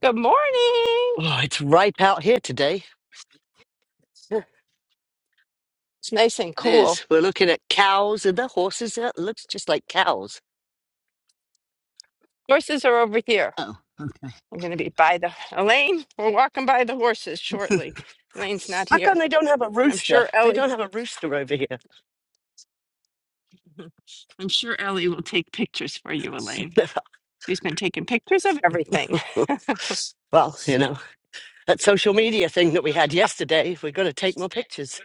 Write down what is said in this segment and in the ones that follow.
Good morning. Oh, it's ripe out here today. Yeah, It's nice and It cool. is. We're looking at cows and the horses. yeah, It looks just like cows. Horses are over here. Oh. I'm going to be by the Elaine. We're walking by the horses shortly. Elaine's not How come here. they don't have a I'm rooster? sure They Ellie. don't have a rooster over here. I'm sure Ellie will take pictures for you, Elaine. She's been taking pictures of everything. well, you know, that social media thing that we had Social yesterday, we're going to take more yesterday. pictures.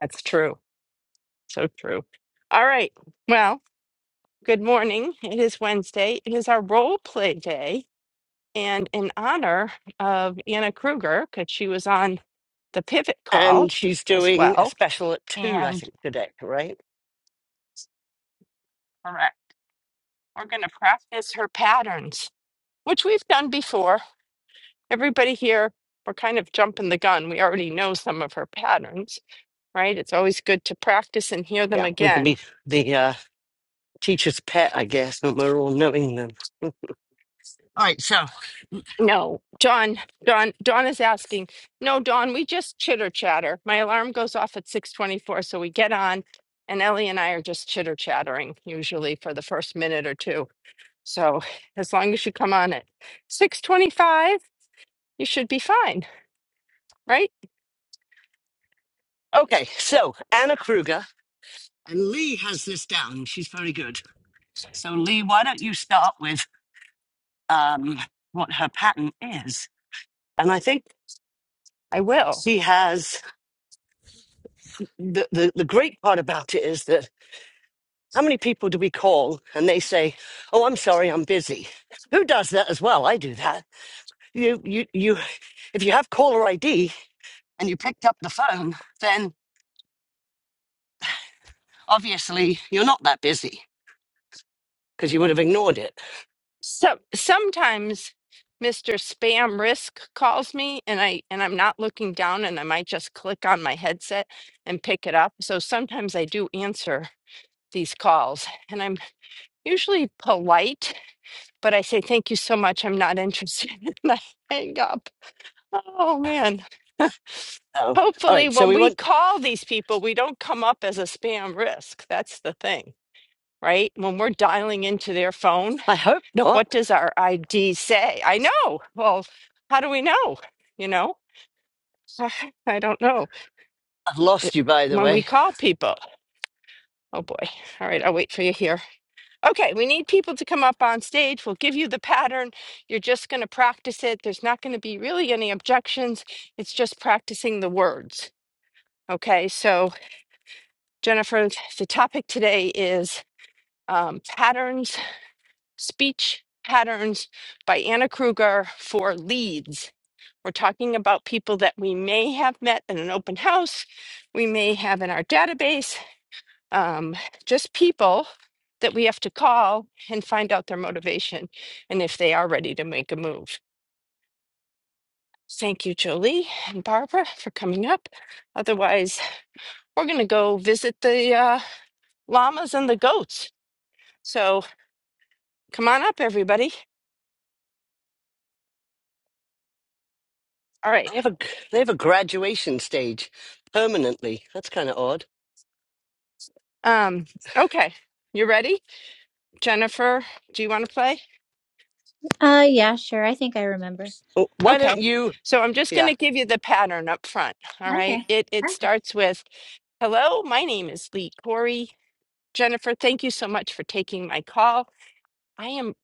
That's true. So true. All right. Well, good morning. It is Wednesday. It is our role play day. And in honor of Anna Kruger, because she was on the pivot call And she's as doing a well. special at two, I And think, today, right? all right, we're going to practice her patterns, which we've done before. Everybody here, we're kind of jumping the gun. We already know some of her patterns, right? It's always good to practice and hear them Yeah, we can be again. the uh, teacher's pet, I guess, when we're all knowing them. All right, so, No, Dawn. Dawn. Dawn is asking. No, Dawn. we just chitter chatter. My alarm goes off at 6:24, so we get on and Ellie and I are just chitter chattering usually for the first minute or two. So, as long as you come on at 6:25, you should be fine, right? okay, so Anna Kruger, and Lee has this down. She's very good. So, Lee, why don't you start with um, what her pattern is? And I think I will. she has the, the, the great part about it is that how many people do we call and they say, Oh, I'm sorry, I'm busy? Who does that as well? I do that. You, you, you, if you have caller ID and you picked up the phone, then obviously you're not that busy because you would have ignored it. So, sometimes Mr. Spam Risk calls me and I and I'm not looking down and I might just click on my headset and pick it up. So, sometimes I do answer these calls and I'm usually polite, but I say, thank you so much. I'm not interested. And I hang up. Oh man. Oh, all Hopefully, right. So when we we went, call these people, we don't come up as a spam risk. That's the thing, right? When we're dialing into their phone, I hope what not. does our ID say? I know. Well, how do we know? You know, I don't know. I've It, lost you, by the when we way. call people, oh boy. All right, I'll wait for you here. Okay, we need people to come up on stage. We'll give you the pattern. You're just going to practice it. There's not going to be really any objections. It's just practicing the words. Okay, so Jennifer, the topic today is um, patterns, speech patterns by Anna Kruger for leads. We're talking about people that we may have met in an open house, we may have in our database, um, just people that we have to call and find out their motivation and if they are ready to make a move. Thank you, Jolie and Barbara, for coming up. Otherwise, we're going to go visit the uh, llamas and the goats. So come on up, everybody. All right. They have a they have a graduation stage permanently. That's kind of odd. Um, okay. You ready? Jennifer, do you want to play? Uh, yeah, sure. I think I remember. Oh, Why don't Okay. you? So I'm just going Yeah, to give you the pattern up front. All right. Okay. It, it starts with Hello, my name is Lee Corey. Jennifer, thank you so much for taking my call. I am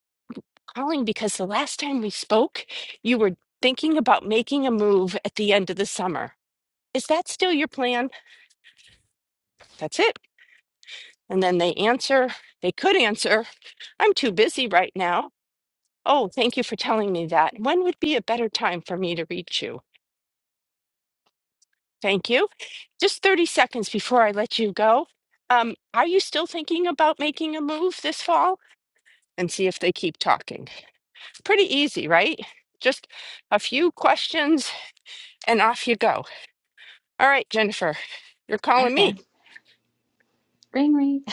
calling because the last time we spoke, you were thinking about making a move at the end of the summer. Is that still your plan? That's it. And then they answer, they could answer, I'm too busy right now. Oh, thank you for telling me that. When would be a better time for me to reach you? Thank you. Just 30 seconds before I let you go. Um, are you still thinking about making a move this fall? And see if they keep talking. Pretty easy, right? Just a few questions and off you go. All right, Jennifer, you're calling me. Okay. Ring ring.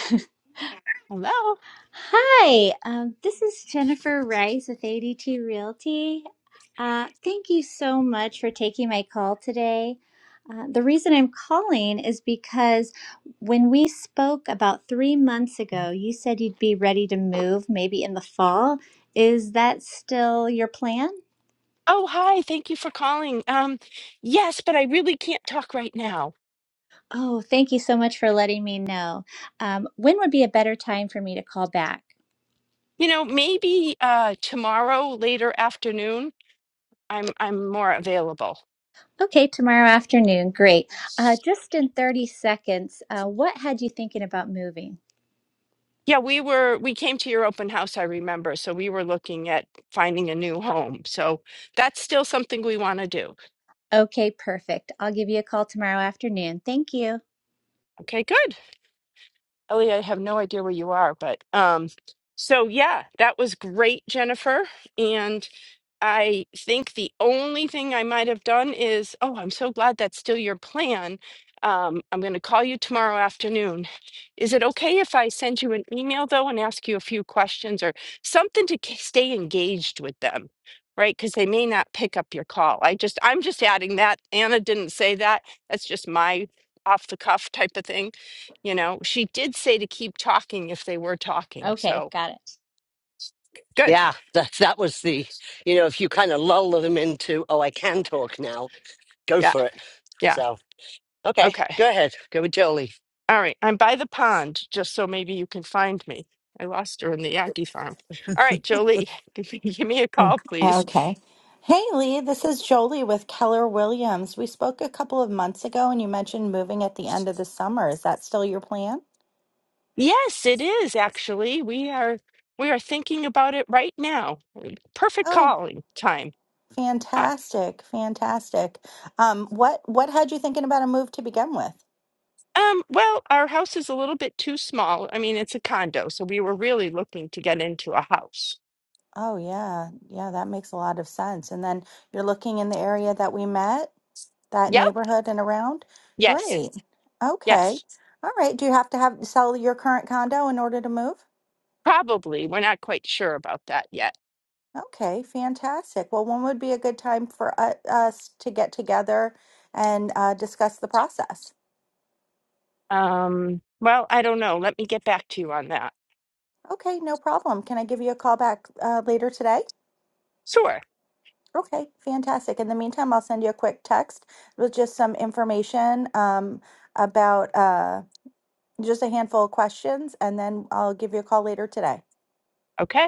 Hello. Hi. Um, this is Jennifer Rice with ADT Realty. Uh, thank you so much for taking my call today. Uh, the reason I'm calling is because when we spoke about three months ago, you said you'd be ready to move maybe in the fall. Is that still your plan? Oh, hi. Thank you for calling. Um, yes, but I really can't talk right now. Oh, thank you so much for letting me know. Um, when would be a better time for me to call back? You know, maybe uh tomorrow later afternoon, I'm I'm more available. Okay, tomorrow afternoon. Great. Uh, just in 30 seconds, uh, what had you thinking about moving? Yeah, we were we came to your open house, I remember. So we were looking at finding a new home. So that's still something we want to do. Okay, perfect. I'll give you a call tomorrow afternoon. Thank you. Okay, good. Ellie, I have no idea where you are, but um, so yeah, that was great, Jennifer. and. I think the only thing I might have done is, oh, I'm so glad that's still your plan. Um, I'm going to call you tomorrow afternoon. Is it okay if I send you an email though and ask you a few questions or something to k- stay engaged with them? Right, because they may not pick up your call. I just, I'm just adding that. Anna didn't say that. That's just my off the cuff type of thing. You know, she did say to keep talking if they were talking. Okay, So got it. good. yeah. That that was the you know if you kind of lull them into oh I can talk now. Go Yeah. for it. Yeah. So okay, Okay. go ahead. Go with Jolie. All right, I'm by the pond, just so maybe you can find me. I lost her in the Aggie farm. All right, Jolie, give me give me a Oh, call, please. Okay. Hey, Lee, this is Jolie with Keller Williams. We spoke a couple of months ago and you mentioned moving at the end of the summer. Is that still your plan? Yes, it is actually. We are we are thinking about it right now. Perfect Oh, calling time. Ah, fantastic. Fantastic. Um, what what had you thinking about a move to begin with? um, well, our house is a little bit too small. I mean, it's a condo, so we were really looking to get into a house. Oh, yeah. Yeah, that makes a lot of sense. And then you're looking in the area that we met, that Yep. neighborhood and around? Yes. Great. Okay. Yes. All right. Do you have to have sell your current condo in order to move? Probably. We're not quite sure about that yet. Okay, fantastic. Well, when would be a good time for u- us to get together and uh, discuss the process? Um, well, I don't know. Let me get back to you on that. Okay, no problem. Can I give you a call back uh, later today? Sure. Okay, fantastic. In the meantime, I'll send you a quick text with just some information um, about uh, just a handful of questions, and then I'll give you a call later today. Okay.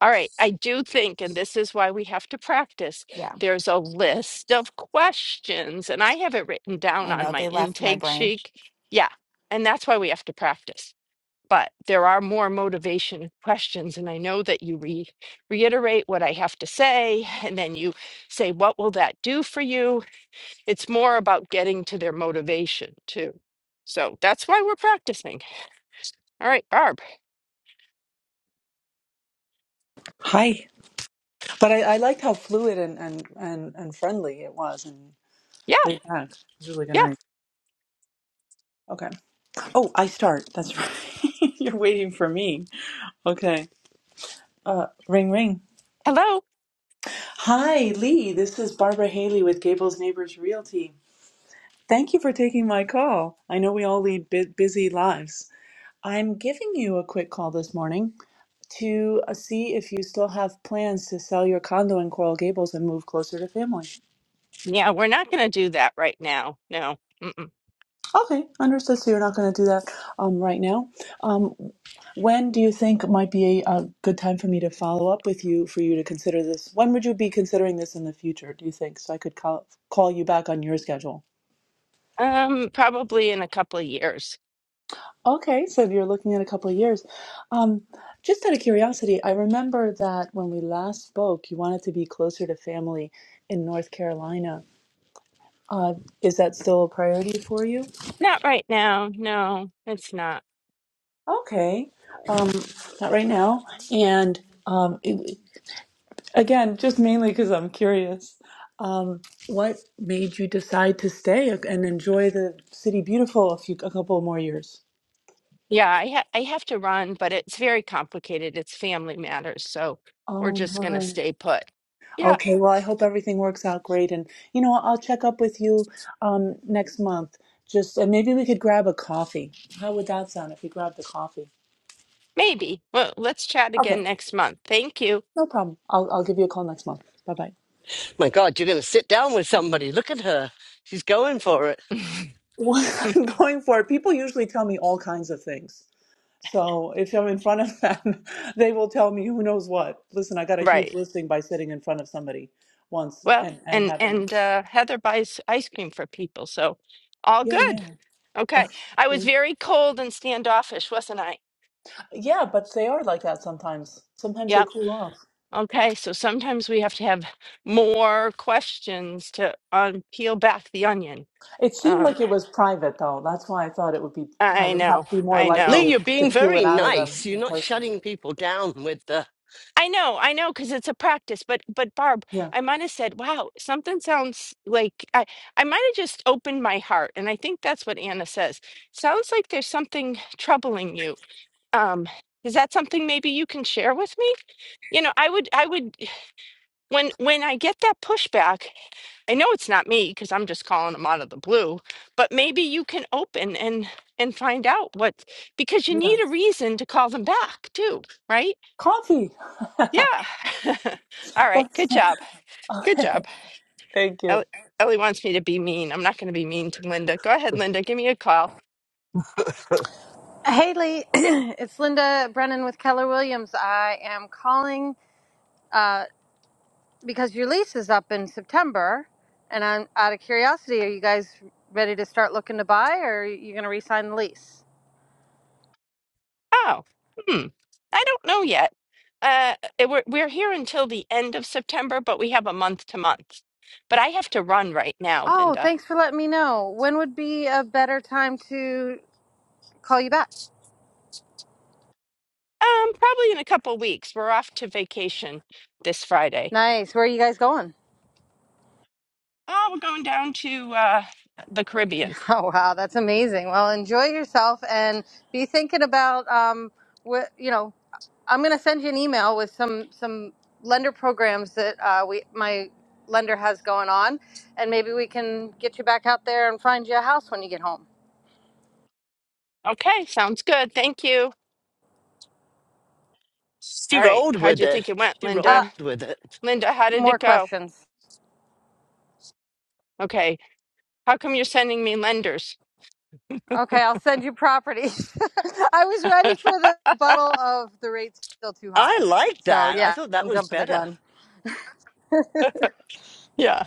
All right, I do think, and this is why we have to practice, Yeah, there's a list of questions, and I have it written down I on know my they left my intake brain. sheet. Yeah, and that's why we have to practice. But there are more motivation questions, and I know that you re- reiterate what I have to say, and then you say, What will that do for you? It's more about getting to their motivation, too. So that's why we're practicing. All right, Barb. Hi. But I, I liked how fluid and, and, and, and friendly it was and Yeah, laid back. It was really good yeah. night. Okay. Oh, I start. That's right. You're waiting for me. Okay. Uh, ring, ring. Hello. Hi, Lee. This is Barbara Haley with Gables Neighbors Realty. Thank you for taking my call. I know we all lead bu- busy lives. I'm giving you a quick call this morning to uh, see if you still have plans to sell your condo in Coral Gables and move closer to family. Yeah, we're not going to do that right now. No. Mm-mm. Okay, understood. So you're not going to do that um, right now. Um, when do you think might be a, a good time for me to follow up with you for you to consider this? When would you be considering this in the future, do you think? So I could call, call you back on your schedule. Um, probably in a couple of years. Okay, so you're looking at a couple of years. Um, just out of curiosity, I remember that when we last spoke, you wanted to be closer to family in North Carolina. Uh, is that still a priority for you? Not right now. No, it's not. Okay, um, not right now. And um, Again, just mainly because I'm curious. Um, what made you decide to stay and enjoy the city beautiful a few a couple more years? Yeah, I ha I have to run, but it's very complicated. It's family matters, so we're Oh just going to my. stay put. Yeah, Okay, well, I hope everything works out great, and you know, I'll check up with you um, next month. Just and maybe we could grab a coffee. How would that sound if we grabbed a coffee? maybe. Well, let's chat again Okay, next month. Thank you. no problem. I'll I'll give you a call next month. Bye bye. My God, you're going to sit down with somebody. Look at her. She's going for it. What I'm going for, people usually tell me all kinds of things. So if I'm in front of them, they will tell me who knows what. Listen, I got a huge Right. listing by sitting in front of somebody once Well, and and and having and uh Heather buys ice cream for people, so all yeah good. yeah Okay. Okay. I was very cold and standoffish, wasn't I? yeah, Yeah, but they are like that sometimes. Sometimes Yep. they cool off. Okay, so sometimes we have to have more questions to un peel back the onion. It seemed Um, like it was private though. That's why I thought it would be I I would know, have be more I likely Lee, know, to you're to being peel very it out of them nice. You're in not person. shutting people down with the. I know, I know, because it's a practice. But, but Barb, Yeah I might have said, "Wow, something sounds like I." I might have just opened my heart, and I think that's what Anna says. Sounds like there's something troubling you. Um, is that something maybe you can share with me? You know, I would, I would. when when I get that pushback, I know it's not me because I'm just calling them out of the blue, but maybe you can open and and find out what because you yeah need a reason to call them back too, right? coffee. Yeah. All right. That's- Good job. Good okay. job. Thank you. Ellie, Ellie wants me to be mean. I'm not going to be mean to Linda. Go ahead, Linda. Give me a call. Hey Lee, it's Linda Brennan with Keller Williams. I am calling uh, because your lease is up in September, and I'm out of curiosity. Are you guys ready to start looking to buy, or are you going to re-sign the lease? Oh, hmm. I don't know yet. Uh, it- we're we're here until the end of September, but we have a month to month. But I have to run right now, Oh, Linda. thanks for letting me know. When would be a better time to call you back? Um, probably in a couple weeks. We're off to vacation this Friday. Nice. Where are you guys going? Oh, we're going down to uh the Caribbean. Oh wow, that's amazing. Well, enjoy yourself and be thinking about um, what you know. I'm going to send you an email with some some lender programs that uh, we my lender has going on, and maybe we can get you back out there and find you a house when you get home. Okay, sounds good. Thank you. She All right. rolled How'd with you it. think it went, She Linda? Uh, rolled with it. Linda, how did more it go? questions. Okay. How come you're sending me lenders? Okay, I'll send you properties. I was ready for the bottle of the rates still too I high, like so that. I yeah, thought that I'm was jumping the better. gun. yeah.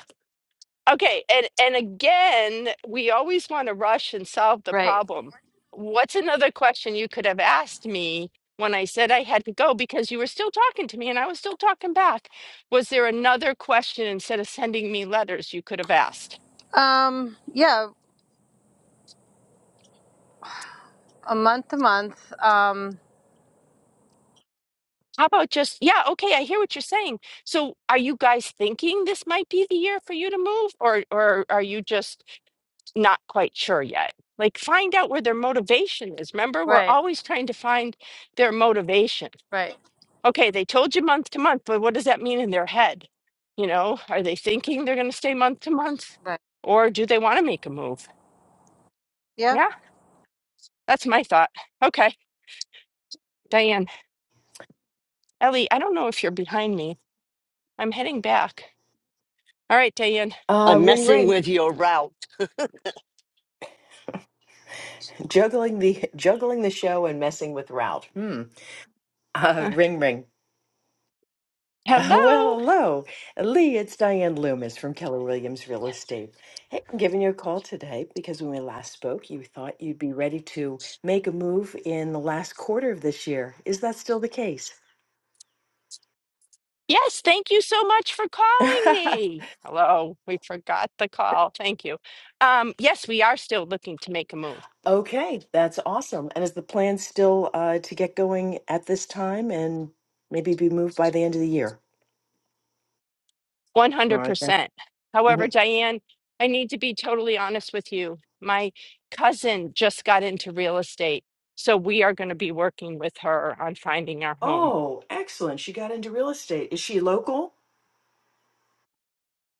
Okay, and and again, we always want to rush and solve the Right. problem. What's another question you could have asked me when I said I had to go because you were still talking to me and I was still talking back? Was there another question instead of sending me letters you could have asked? Um. Yeah. A month to month. Um. How about just, yeah, okay, I hear what you're saying. So are you guys thinking this might be the year for you to move or or are you just not quite sure yet? Like find out where their motivation is. Remember, we're Right. always trying to find their motivation Right. okay, they told you month to month, but what does that mean in their head? You know, are they thinking they're going to stay month to month Right. or do they want to make a move? Yeah. Yeah, that's my thought. Okay, Diane. Ellie, I don't know if you're behind me. I'm heading back. All right, Diane. Uh, I'm ring messing ring. with your route. Juggling the juggling the show and messing with Ralph. Hmm. Uh, Uh, ring ring. Uh, Well, hello. hello, Lee. It's Diane Loomis from Keller Williams Real Estate. Hey, I'm giving you a call today because when we last spoke, you thought you'd be ready to make a move in the last quarter of this year. Is that still the case? Yes, thank you so much for calling me. Hello. We forgot the call. Thank you. Um, yes, we are still looking to make a move. Okay, that's awesome. And is the plan still uh, to get going at this time and maybe be moved by the end of the year? All right. then. 100%. However, Diane, I need to be totally honest with you. My cousin just got into real estate, so we are going to be working with her on finding our home. Oh, excellent. She got into real estate. Is she local?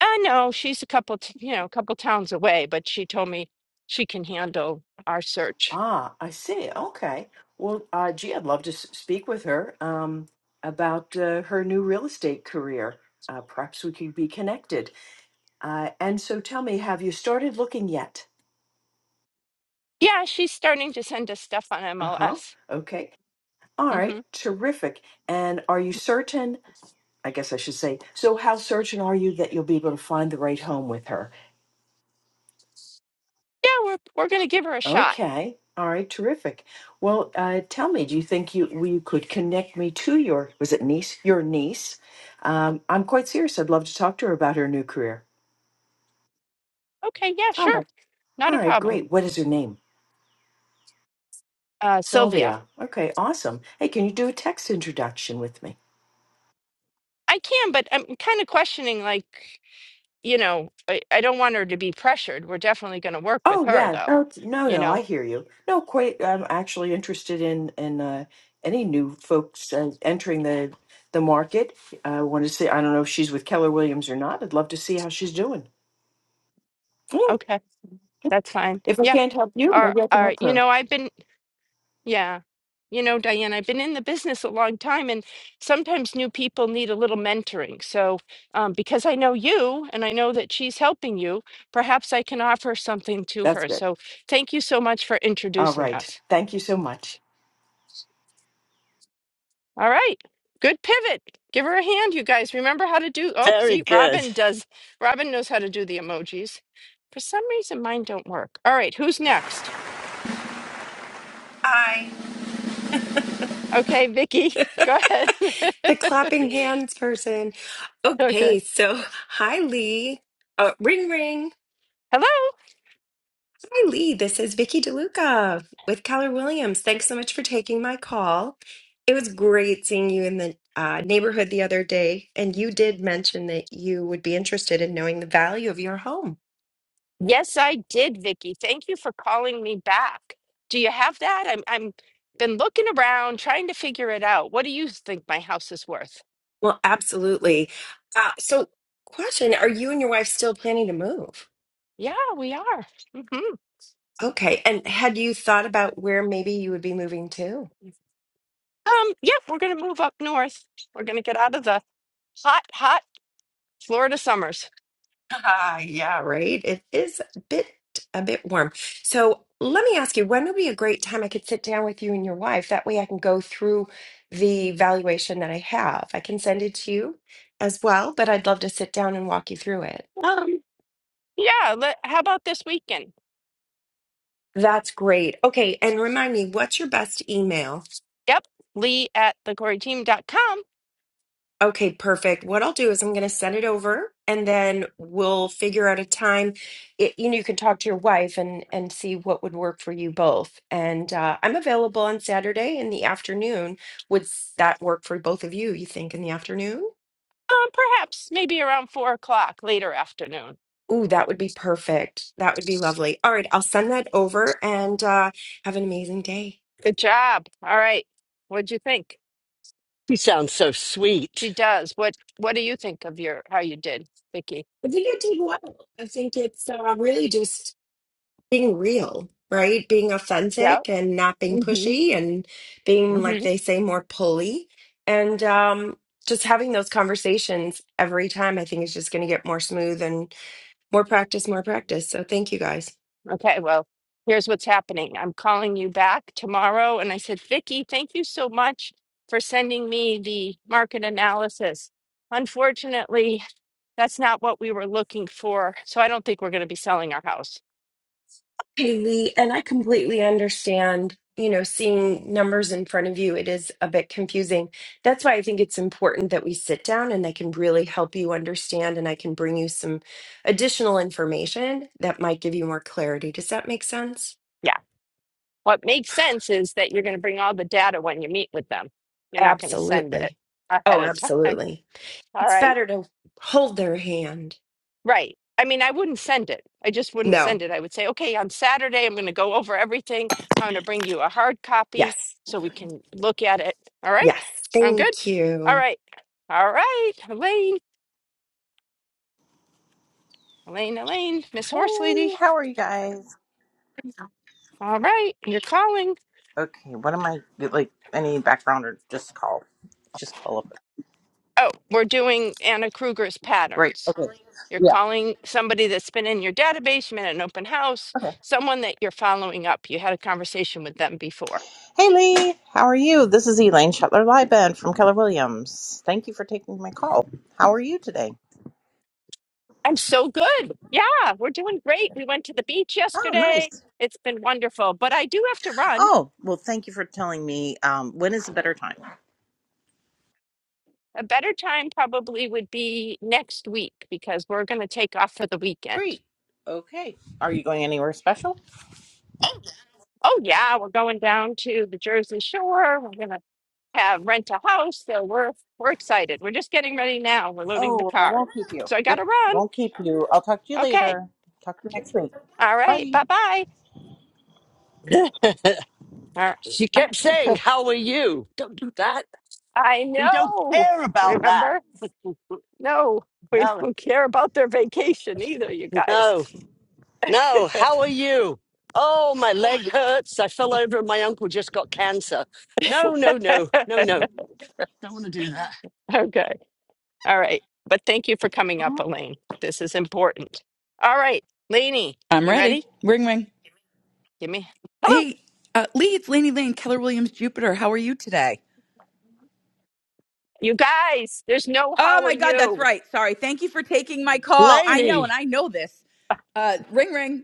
I know she's a couple, t- you know, a couple towns away, but she told me she can handle our search. Ah, I see. Okay. Well, uh, gee, I'd love to s- speak with her um, about uh, her new real estate career. Uh, perhaps we could be connected. Uh, and so tell me, have you started looking yet? Yeah, she's starting to send us stuff on Uh huh. MLS. Okay. All hmm right. Terrific. And are you certain? I guess I should say, so how certain are you that you'll be able to find the right home with her? Yeah, we're we're going to give her a shot. Okay. All right. Terrific. Well, uh, tell me, do you think you you could connect me to your was it niece your niece? Um, I'm quite serious. I'd love to talk to her about her new career. Okay, yeah, All sure, right. not All a right. problem. Great. What is her name? Uh, Sylvia, Sylvia. Okay. Awesome. Hey, can you do a text introduction with me? I can, but I'm kind of questioning, like. you know, I, I don't want her to be pressured. We're definitely going to work with Oh her, yeah. though. No, t- no, You no. know, I hear you. No, quite. I'm actually interested in in uh, any new folks uh, entering the the market. I want to see. I don't know if she's with Keller Williams or not. I'd love to see how she's doing. Mm. okay, that's fine. If I Yeah. can't help you, Or, maybe I can or, help you her. know, I've been, yeah, you know, Diane, I've been in the business a long time, and sometimes new people need a little mentoring. So, um, because I know you and I know that she's helping you, perhaps I can offer something to That's her. good. So, thank you so much for All introducing right. us. Thank you so much. All right. Good pivot. Give her a hand, you guys. Remember how to do Oh, Very see, good. Robin does. Robin knows how to do the emojis. For some reason mine don't work. All right, who's next? Hi. Okay, Vicky. Go ahead. the clapping hands person. okay. Okay, so hi Lee. Uh, ring ring. Hello? Hi Lee. This is Vicky DeLuca with Keller Williams. Thanks so much for taking my call. It was great seeing you in the uh, neighborhood the other day, and you did mention that you would be interested in knowing the value of your home. Yes, I did, Vicky. Thank you for calling me back. Do you have that? I'm I'm been looking around trying to figure it out. What do you think my house is worth? Well, absolutely. Uh, so, question: Are you and your wife still planning to move? Yeah, we are. Mhm. Okay, and had you thought about where maybe you would be moving to? Um, yeah, we're gonna move up north. We're gonna get out of the hot, hot Florida summers. Ah, yeah, right. It is a bit a bit warm. So let me ask you, when would be a great time I could sit down with you and your wife? That way I can go through the valuation that I have. I can send it to you as well, but I'd love to sit down and walk you through it. Um, yeah, let, how about this weekend? That's great. Okay, and remind me, what's your best email? Yep, Lee at the corey team dot com. Okay, perfect. What I'll do is I'm going to send it over and then we'll figure out a time. It, you know, you can talk to your wife and and see what would work for you both. And uh, I'm available on Saturday in the afternoon. Would s- that work for both of you, you think, in the afternoon? Um, perhaps maybe around four o'clock later afternoon. Ooh, that would be perfect. That would be lovely. All right, I'll send that over and uh, have an amazing day. Good job. All right. What'd you think? You sound so She sweet. does. What What do you think of your how you did, Vicky? I think I did well. I think it's uh, really just being real, right? Being Yeah. authentic and not being hmm pushy and being, like hmm they say, more pulley. And um, just having those conversations every time, I think, is just going to get more smooth and more practice, more practice. So thank you guys. Okay. Well, here's what's happening. I'm calling you back tomorrow, and I said, Vicky, thank you so much for sending me the market analysis. Unfortunately, That's not what we were looking for. So I don't think we're going to be selling our house. Hey Lee, and I completely understand, you know, seeing numbers in front of you, it is a bit confusing. That's why I think it's important that we sit down and I can really help you understand and I can bring you some additional information that might give you more clarity. Does that make sense? Yeah. What makes sense is that you're going to bring all the data when you meet with them. You're not going to send it Absolutely. ahead Oh, of time. absolutely. All It's right. better to hold their hand. Right. I mean, I wouldn't send it. I just wouldn't send No. it. I would say, okay, on Saturday, I'm going to go over everything. I'm going to bring you a hard copy Yes. so we can look at it. All right. Yes. Sound good? Thank All you. right. All right. Elaine, Elaine, Elaine, Miss Hey, Horse Lady. how are you guys? All right. You're calling. Okay, what am I like? Any background or just call? Just call up. Oh, we're doing Anna Kruger's Right. patterns. Okay. You're Yeah. calling somebody that's been in your database, you met at an open house, Okay. someone that you're following up. You had a conversation with them before. Hey, Lee. How are you? This is Elaine Shetler Lieben from Keller Williams. Thank you for taking my call. How are you today? I'm so good. Yeah, we're doing great. We went to the beach Oh, nice. yesterday. It's been wonderful, but I do have to run. Oh, well, thank you for telling me. Um, when is a better time? A better time probably would be next week because we're going to take off for the weekend. Great. Okay. Are you going anywhere special? Oh, yeah, we're going down to the Jersey Shore. We're going to have rent a house. So we're we're excited. We're just getting ready now. We're loading the Oh, well, I car. won't keep you. So I gotta Yep. run. Won't keep you. I'll talk to you Okay. later. Talk to you next week. All right. Bye. Bye bye. All right. she kept saying, How are you? Don't do that. I We don't know. care about that. Remember? No, we No, don't care about their vacation either, you guys. no, no. How are you? Oh, my leg hurts. I fell over and my uncle just got cancer. No, no, no, no, no. Don't want to do that. okay. All right. But thank you for coming up, Oh Elaine. This is important. All right, Lainey, I'm you ready. ready? Ring ring. Give me hello. Hey, uh, Lee, it's Laney Lane, Keller Williams Jupiter. How are you today? You guys, there's no Oh how are my God, that's you. right. Sorry. Thank you for taking my call. I know, and Laney, I know this. Uh, ring ring.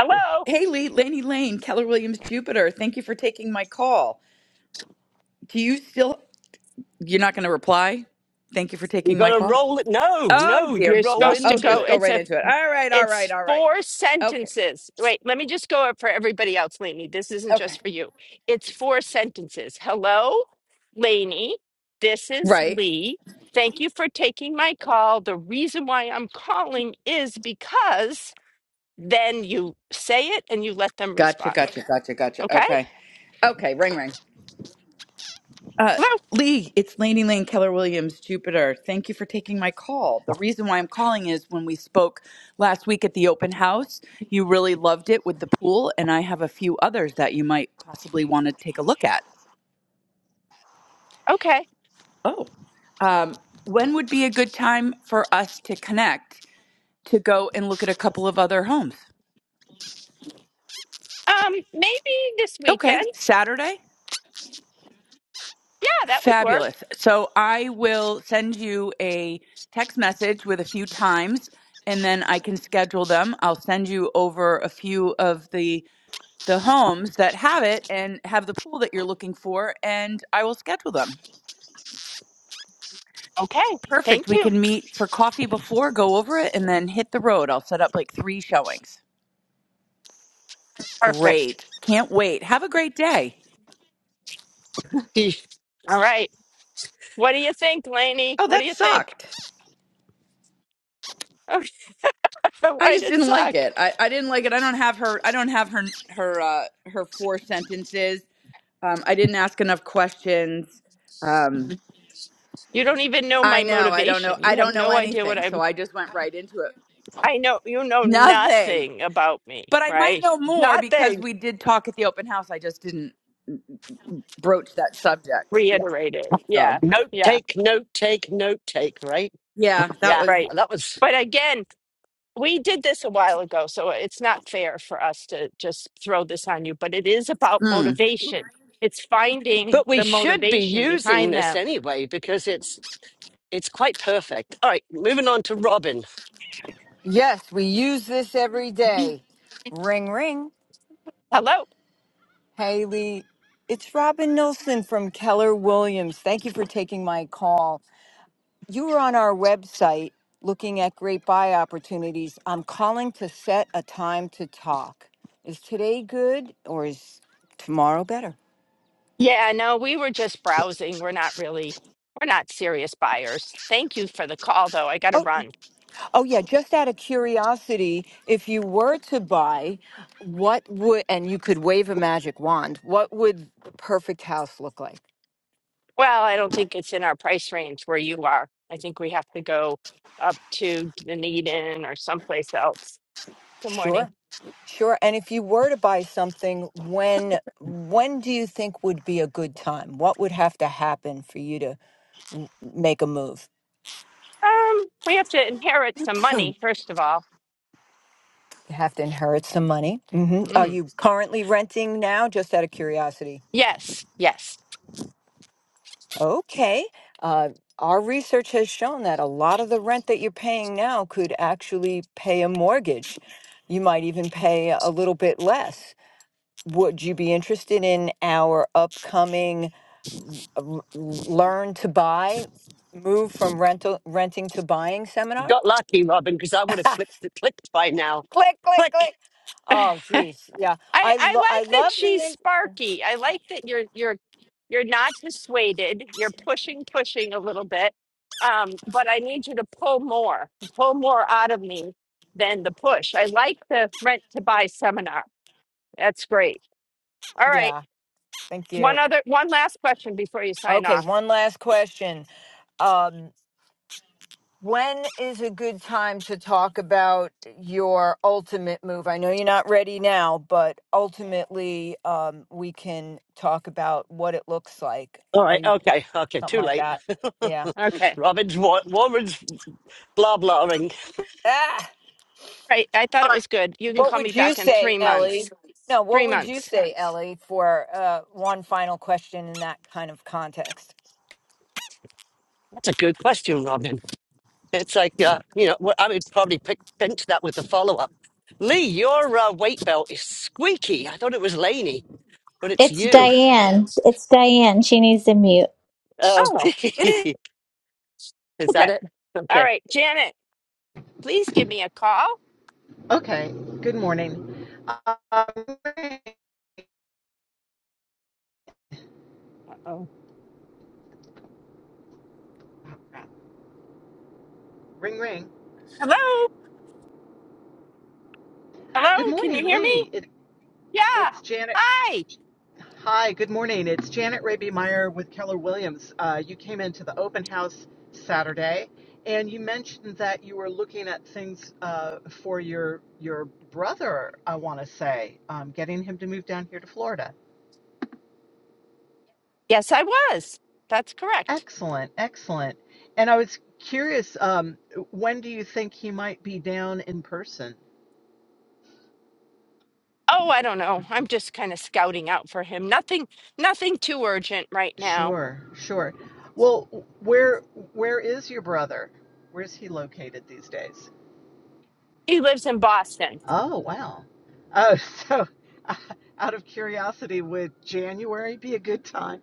Hello. Hey, Lee, Laney Lane, Keller Williams Jupiter. Thank you for taking my call. Do you still? You're not going to reply. Thank you for you taking my got to call. roll it. No, Oh no, you You're dear. roll God. supposed to Oh, into go. just it. go It's right a. into it. All right. All right. It's All right. four Okay. sentences. Wait, let me just go up for everybody else, Lainey. This isn't Okay. just for you. It's four sentences. Hello, Lainey. This is Right. Lee. Thank you for taking my call. The reason why I'm calling is because then you say it and you let them Gotcha. respond. Gotcha. Gotcha. Gotcha. Okay? Okay. Okay. Ring ring. Uh, Hello. Lee, it's Laney Lane Keller Williams, Jupiter. Thank you for taking my call. The reason why I'm calling is when we spoke last week at the open house, you really loved it with the pool, and I have a few others that you might possibly want to take a look at. Okay. Oh, Um, when would be a good time for us to connect to go and look at a couple of other homes? Um, maybe this weekend. Okay, Saturday? Yeah, that would work. Fabulous. So I will send you a text message with a few times and then I can schedule them. I'll send you over a few of the the homes that have it and have the pool that you're looking for and I will schedule them. Okay. Perfect. Thank We you. can meet for coffee before, go over it and then hit the road. I'll set up like 3 showings. Perfect. Great. Can't wait. Have a great day. The All right. What do you think, Lainey? Oh, What do that you think? sucked. Oh, I Why'd just it didn't like suck? it. I, I didn't like it. I don't have her. I don't have her her uh, her four sentences. Um, I didn't ask enough questions. Um, You don't even know I my know. I don't know. motivation. I You have don't know no idea what anything. So I'm. I just went right into it. I know you know Nothing. nothing about me, But I might right? know more because Nothing. we did talk at the open house. I just didn't broach that subject. Yeah. Reiterate it. Yeah, So, Note yeah, take, note take, note take, right? yeah, that Yeah, was. right. that was. But again, we did this a while ago, so it's not fair for us to just throw this on you. But it is about hmm. motivation. It's finding But we the should be motivation using behind this them. anyway because it's it's quite perfect. All right, moving on to Robin. Yes, we use this every day. Ring, ring. Hello. Haley, it's Robin Nilsson from Keller Williams. Thank you for taking my call. You were on our website looking at great buy opportunities. I'm calling to set a time to talk. Is today good or is tomorrow better? Yeah, no, we were just browsing. We're not really, we're not serious buyers. Thank you for the call, though. I got to Oh, run. oh yeah, just out of curiosity, if you were to buy, what would, and you could wave a magic wand, what would the perfect house look like? Well, I don't think it's in our price range where you are. I think we have to go up to Dunedin or someplace else. Good morning. Sure. Sure. And if you were to buy something, when when do you think would be a good time? What would have to happen for you to m- make a move? Um, we have to inherit some money, first of all. You have to inherit some money. hmm Are Mm. you currently renting now? Just out of curiosity. Yes, yes. Okay. Uh, our research has shown that a lot of the rent that you're paying now could actually pay a mortgage. You might even pay a little bit less. Would you be interested in our upcoming? l- l- learn to buy, move from rental renting to buying seminar. Got lucky, Robin, because I would have click, clicked clicked by now. click, Click. click. Oh, geez, yeah. I I I lo- I like that love the she's in- sparky. I like that you're you're you're not dissuaded. You're pushing, pushing a little bit. Um, but I need you to pull more, pull more out of me than the push. I like the rent to buy seminar. That's great. All right. yeah. Thank One you. other, one last question before you sign Okay, off. one last question. Um, when is a good time to talk about your ultimate move? I know you're not ready now, but ultimately, um, we can talk about what it looks like. All Are right. you Okay. Okay. something Too like late. that? Yeah. Okay. All Robin's wa- woman's blah blahing. right. I thought All it right. was good. You can What call me would you back in say, three Ellie? months. No, what Three would you months. say, Ellie, for uh, one final question in that kind of context? That's a good question, Robin. It's like uh, you know, wh- I would probably pick, pinch that with the follow up. Lee, your uh, weight belt is squeaky. I thought it was Laney, but it's It's you. Diane. It's Diane. She needs to mute. Oh, Oh, So, it is. is that okay. it? Okay. All right. Janet, please give me a call. Okay. Good morning. Um, ring, Uh-oh. ring. ring. Hello. Hello. Good Can you morning, hear me? Lee. It, Yeah. it's Janet. Hi. Hi. Good morning. It's Janet Raby Meyer with Keller Williams. Uh, you came into the open house Saturday, and you mentioned that you were looking at things uh, for your your brother. I want to say, um, getting him to move down here to Florida. Yes, I was. That's correct. Excellent. Excellent. And I was curious. Um, when do you think he might be down in person? Oh, I don't know. I'm just kind of scouting out for him. Nothing nothing too urgent right now. Sure, sure. Well, where where is your brother? Where's he located these days? He lives in Boston. Oh, wow. Oh, so uh, out of curiosity, would January be a good time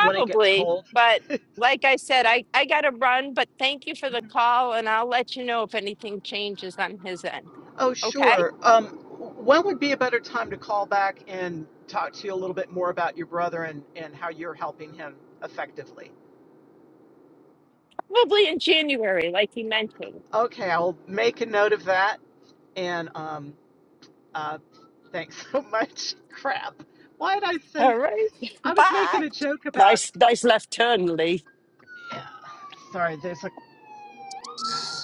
when it gets cold? but like I said, I I got to run, but thank you for the Mhm. call and I'll let you know if anything changes on his end. Oh, Okay? sure. Um, when would be a better time to call back and talk to you a little bit more about your brother and, and how you're helping him effectively? Probably in January like he mentioned. Okay, I'll make a note of that. And um, uh, thanks so much. Crap. Why did I All say right. I was Bye. making a joke about. Nice, nice left turn, Lee. Yeah. Sorry, there's a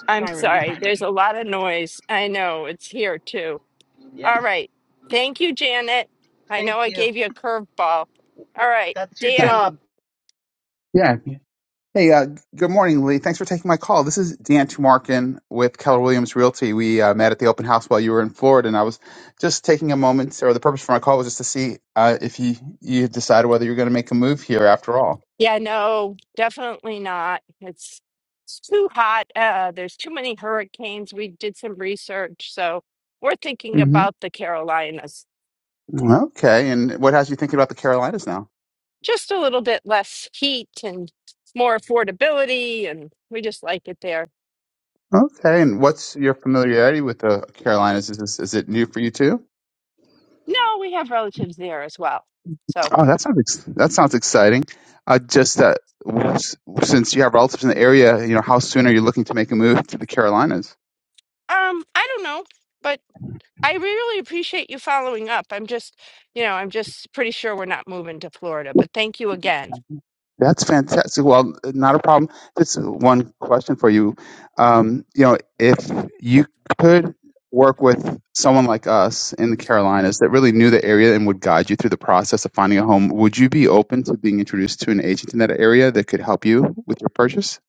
I'm siren sorry. behind me. There's a lot of noise. I know. It's here too. All Yeah. right. Thank you, Janet. I Thank know I you. gave you a curveball. All right, That's your Uh, Dan. job. Yeah. Hey, uh, good morning, Lee. Thanks for taking my call. This is Dan Tumarkin with Keller Williams Realty. We uh, met at the open house while you were in Florida, and I was just taking a moment, or the purpose for my call was just to see uh, if you you had decided whether you're going to make a move here after all. Yeah, no, definitely not. It's it's too hot. Uh, there's too many hurricanes. We did some research, so we're thinking hmm about the Carolinas. Okay. And what has you thinking about the Carolinas now? Just a little bit less heat and more affordability, and we just like it there. Okay. And what's your familiarity with the Carolinas? Is this, is it new for you too? No, we have relatives there as well. So, Oh, that sounds ex- that sounds exciting. Uh, just uh, s- since you have relatives in the area, you know, how soon are you looking to make a move to the Carolinas? um, I don't know, but. I really appreciate you following up. I'm just, you know, I'm just pretty sure we're not moving to Florida, but thank you again. That's fantastic. Well, not a problem. Just one question for you. Um, you know, if you could work with someone like us in the Carolinas that really knew the area and would guide you through the process of finding a home, would you be open to being introduced to an agent in that area that could help you with your purchase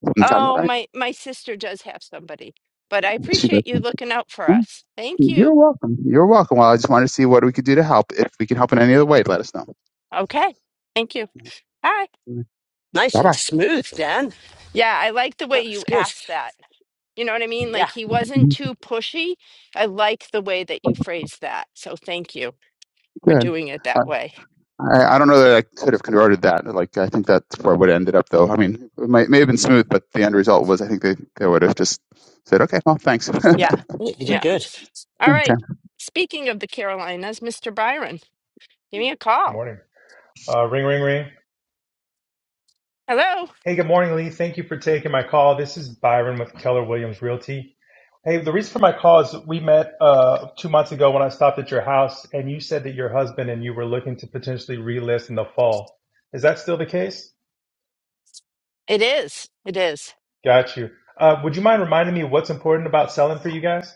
when the time's Oh, right? my my sister does have somebody, but I See appreciate you that. looking out for us. Thank you. You're welcome. You're welcome. Well, I just wanted to see what we could do to help. If we can help in any other way, let us know. Okay. Thank you. Hi. Nice Bye and bye. smooth, Dan. Yeah, I like the way That was you good. asked that. You know what I mean? Yeah, Like he wasn't too pushy. I like the way that you phrased that. So thank you for Good. doing it I, that way. I I don't know that I could have converted that. Like I think that's where it would have ended up, though. I mean, it might, may have been smooth, but the end result was I think they, they would have just said, "Okay, well, thanks." Yeah. okay. I think you did Yeah. good. All right. Speaking of the Carolinas, Mr. Byron, give me a Good call. morning. Uh, ring, ring, ring. Hello. Hey, good morning, Lee. Thank you for taking my call. This is Byron with Keller Williams Realty. Hey, the reason for my call is we met uh, two months ago when I stopped at your house, and you said that your husband and you were looking to potentially relist in the fall. Is that still the case? It is. It is. Got you. Uh, would you mind reminding me what's important about selling for you guys?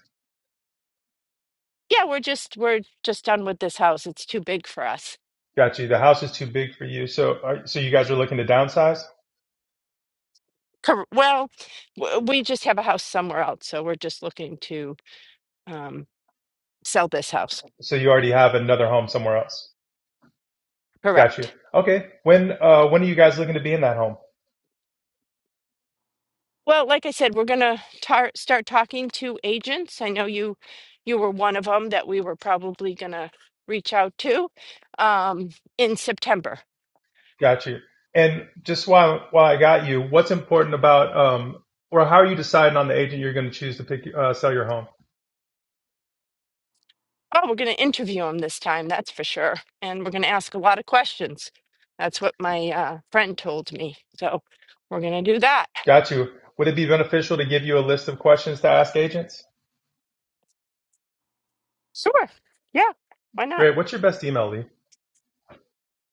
Yeah, we're just we're just done with this house. It's too big for us. Got you. The house is too big for you, so are, so you guys are looking to downsize. Cor- Well, w- we just have a house somewhere else, so we're just looking to um, sell this house. So you already have another home somewhere else. Got you. Correct. Okay. When uh, when are you guys looking to be in that home? Well, like I said, we're gonna tar- start talking to agents. I know you you were one of them that we were probably gonna reach out to um, in September. Got you. And just while while I got you, what's important about um, or how are you deciding on the agent you're going to choose to pick uh, sell your home? Oh, we're going to interview him this time, that's for sure. And we're going to ask a lot of questions. That's what my uh, friend told me. So we're going to do that. Got you. Would it be beneficial to give you a list of questions to ask agents? Sure. Yeah. Why not? Great. What's your best email, Lee?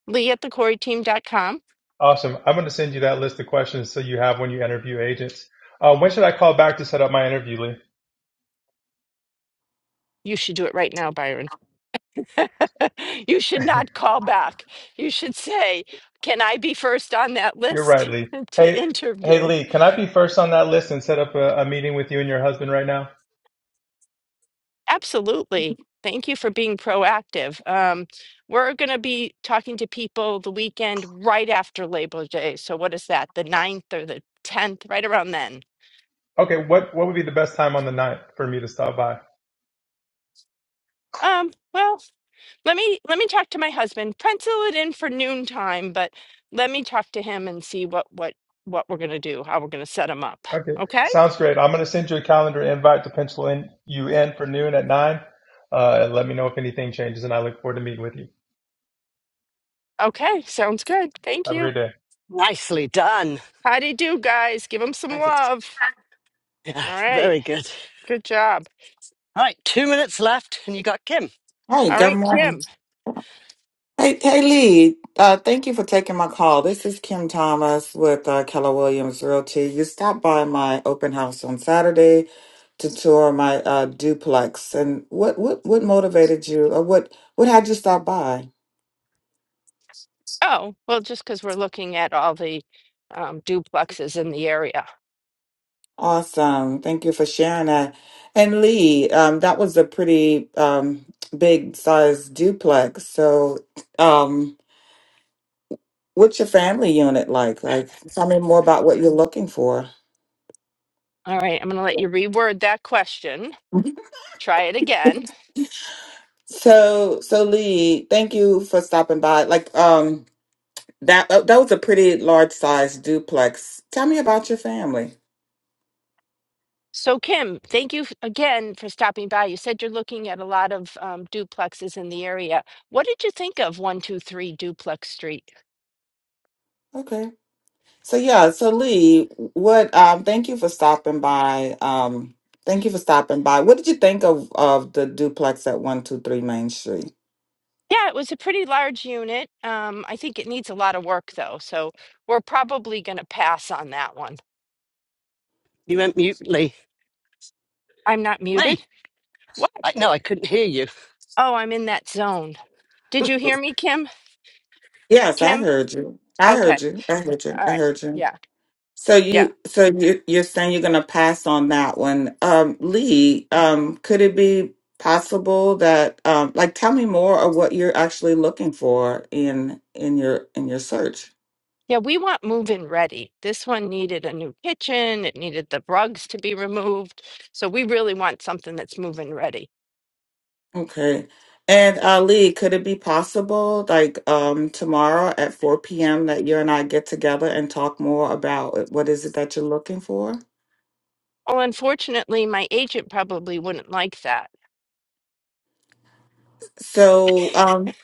Lee at thecoreyteam.com. Awesome. I'm going to send you that list of questions so you have when you interview agents. Uh, when should I call back to set up my interview, Lee? You should do it right now, Byron. you should not call back. You should say, Can I be first on that You're right, list Lee. to Hey, hey, interview? Lee. Can I be first on that list and set up a, a meeting with you and your husband right now? Absolutely. Thank you for being proactive. Um, we're going to be talking to people the weekend right after Labor Day. So what is that? The ninth or the 10th, right around then. Okay. What what would be the best time on the night for me to stop by? Um, well, let me let me talk to my husband. Pencil it in for noon time. but let me talk to him and see what what what we're going to do, how we're going to set him up. Okay, Okay? sounds great. I'm going to send you a calendar invite to pencil in you in for noon at nine. Uh, and let me know if anything changes, and I look forward to meeting with you. Okay, sounds good. Thank Have a you. great day. Nicely done. How do you do, guys? Give him some I think, love. yeah, All right. very good. Good job. All right, two minutes left, and you got Kim. Hey, All good right, Kim. morning. Hey, hey, Lee. Uh, thank you for taking my call. This is Kim Thomas with uh, Keller Williams Realty. You stopped by my open house on Saturday to tour my uh, duplex, and what what what motivated you, or what what had you stop by? Oh, well, just because we're looking at all the um, duplexes in the area. Awesome. Thank you for sharing that. And Lee, um, that was a pretty um, big size duplex. So, um, what's your family unit like? Like, tell me more about what you're looking for. All right, I'm going to let you reword that question. Try it again. So, so Lee, thank you for stopping by. Like, um, that uh, that was a pretty large size duplex. Tell me about your family. So, Kim, thank you f- again for stopping by. You said you're looking at a lot of um, duplexes in the area. What did you think of 123 Duplex Street? Okay. So yeah, so Lee, what? Um, thank you for stopping by. Um, thank you for stopping by. What did you think of of the duplex at one two three Main Street? Yeah, it was a pretty large unit. Um, I think it needs a lot of work, though. So, we're probably going to pass on that one. You went mute, Lee. I'm not Lee, muted? I, What? no, I couldn't hear you. Oh, I'm in that zone. Did you hear me, Kim? Yes, I Kim? heard you. I Okay. heard you. I heard you. All I right. heard you. Yeah. So Yeah. you, so you're, you're saying you're going to pass on that one, um, Lee? Um, could it be possible that, um, like, tell me more of what you're actually looking for in in your in your search? Yeah. We want move in ready. This one needed a new kitchen. It needed the rugs to be removed. So we really want something that's move in ready. Okay, and uh, Lee, could it be possible, like, um, tomorrow at four p.m. that you and I get together and talk more about what is it that you're looking for? Well, unfortunately, my agent probably wouldn't like that. So, um.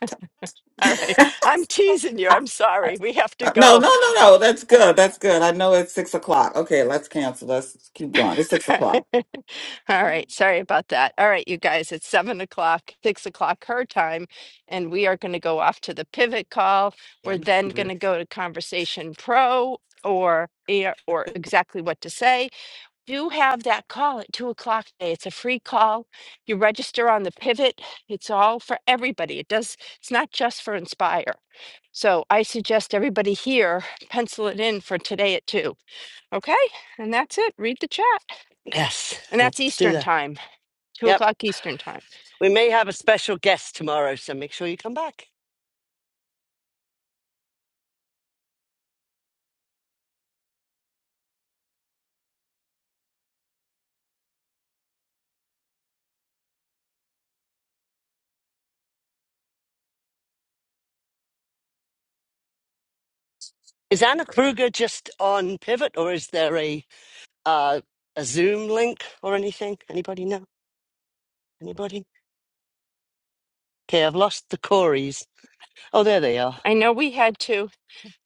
All right. I'm teasing you. I'm sorry. We have to Uh, No, go. no, no, no. That's good. That's good. I know it's six o'clock. Okay, let's cancel. Let's keep going. It's six o'clock. All right. Sorry about that. All right, you guys, it's seven o'clock, six o'clock her time, and we are going to go off to the pivot call. Yeah, We're I'm then listening to going it. to go to Conversation Pro or yeah, or exactly what to say. Do have that call at two o'clock today. It's a free call. You register on the pivot. It's all for everybody. It does, it's not just for Inspire. So I suggest everybody here pencil it in for today at two. Okay? And that's it. Read the chat Yes, and that's let's do Eastern that. time, two Yep, o'clock Eastern time. we may have a special guest tomorrow, so make sure you come back. Is Anna Kruger just on Pivot, or is there a uh, a Zoom link or anything? Anybody know? Anybody? Okay, I've lost the Corys. Oh, there they are. I know we had to.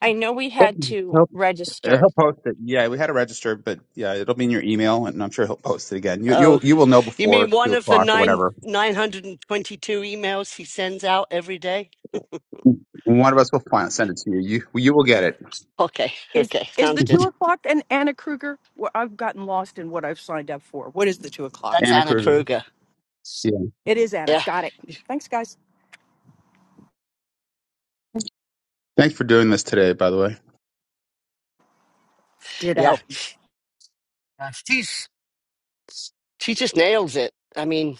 I know we But had to He'll, register he'll post it. Yeah, we had to register, but yeah, it'll be in your email, and I'm sure he'll post it again. You Oh, you you will know you mean before two one of the o'clock or nine whatever. nine hundred and twenty-two emails he sends out every day? One of us will find, send it to you. You you will get it. Okay, Is okay, is the sounds two good. o'clock and Anna Kruger? Well, I've gotten lost in what I've signed up for. What is the two o'clock? That's Anna Anna Kruger. Kruger. It is Anna. Yeah, Got it. Thanks, guys. Thanks for doing this today, by the way. yeah. Ditto. Uh, She's she just nails it. I mean,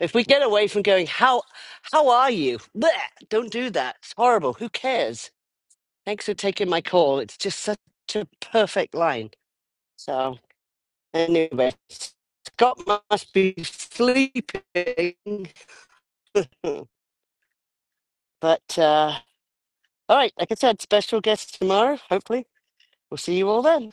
if we get away from going, how how are you? Blech, don't do that. It's horrible. Who cares? Thanks for taking my call. It's just such a perfect line. So anyway, Scott must be sleeping, but. uh, All right, like I said, special guest tomorrow. Hopefully, we'll see you all then.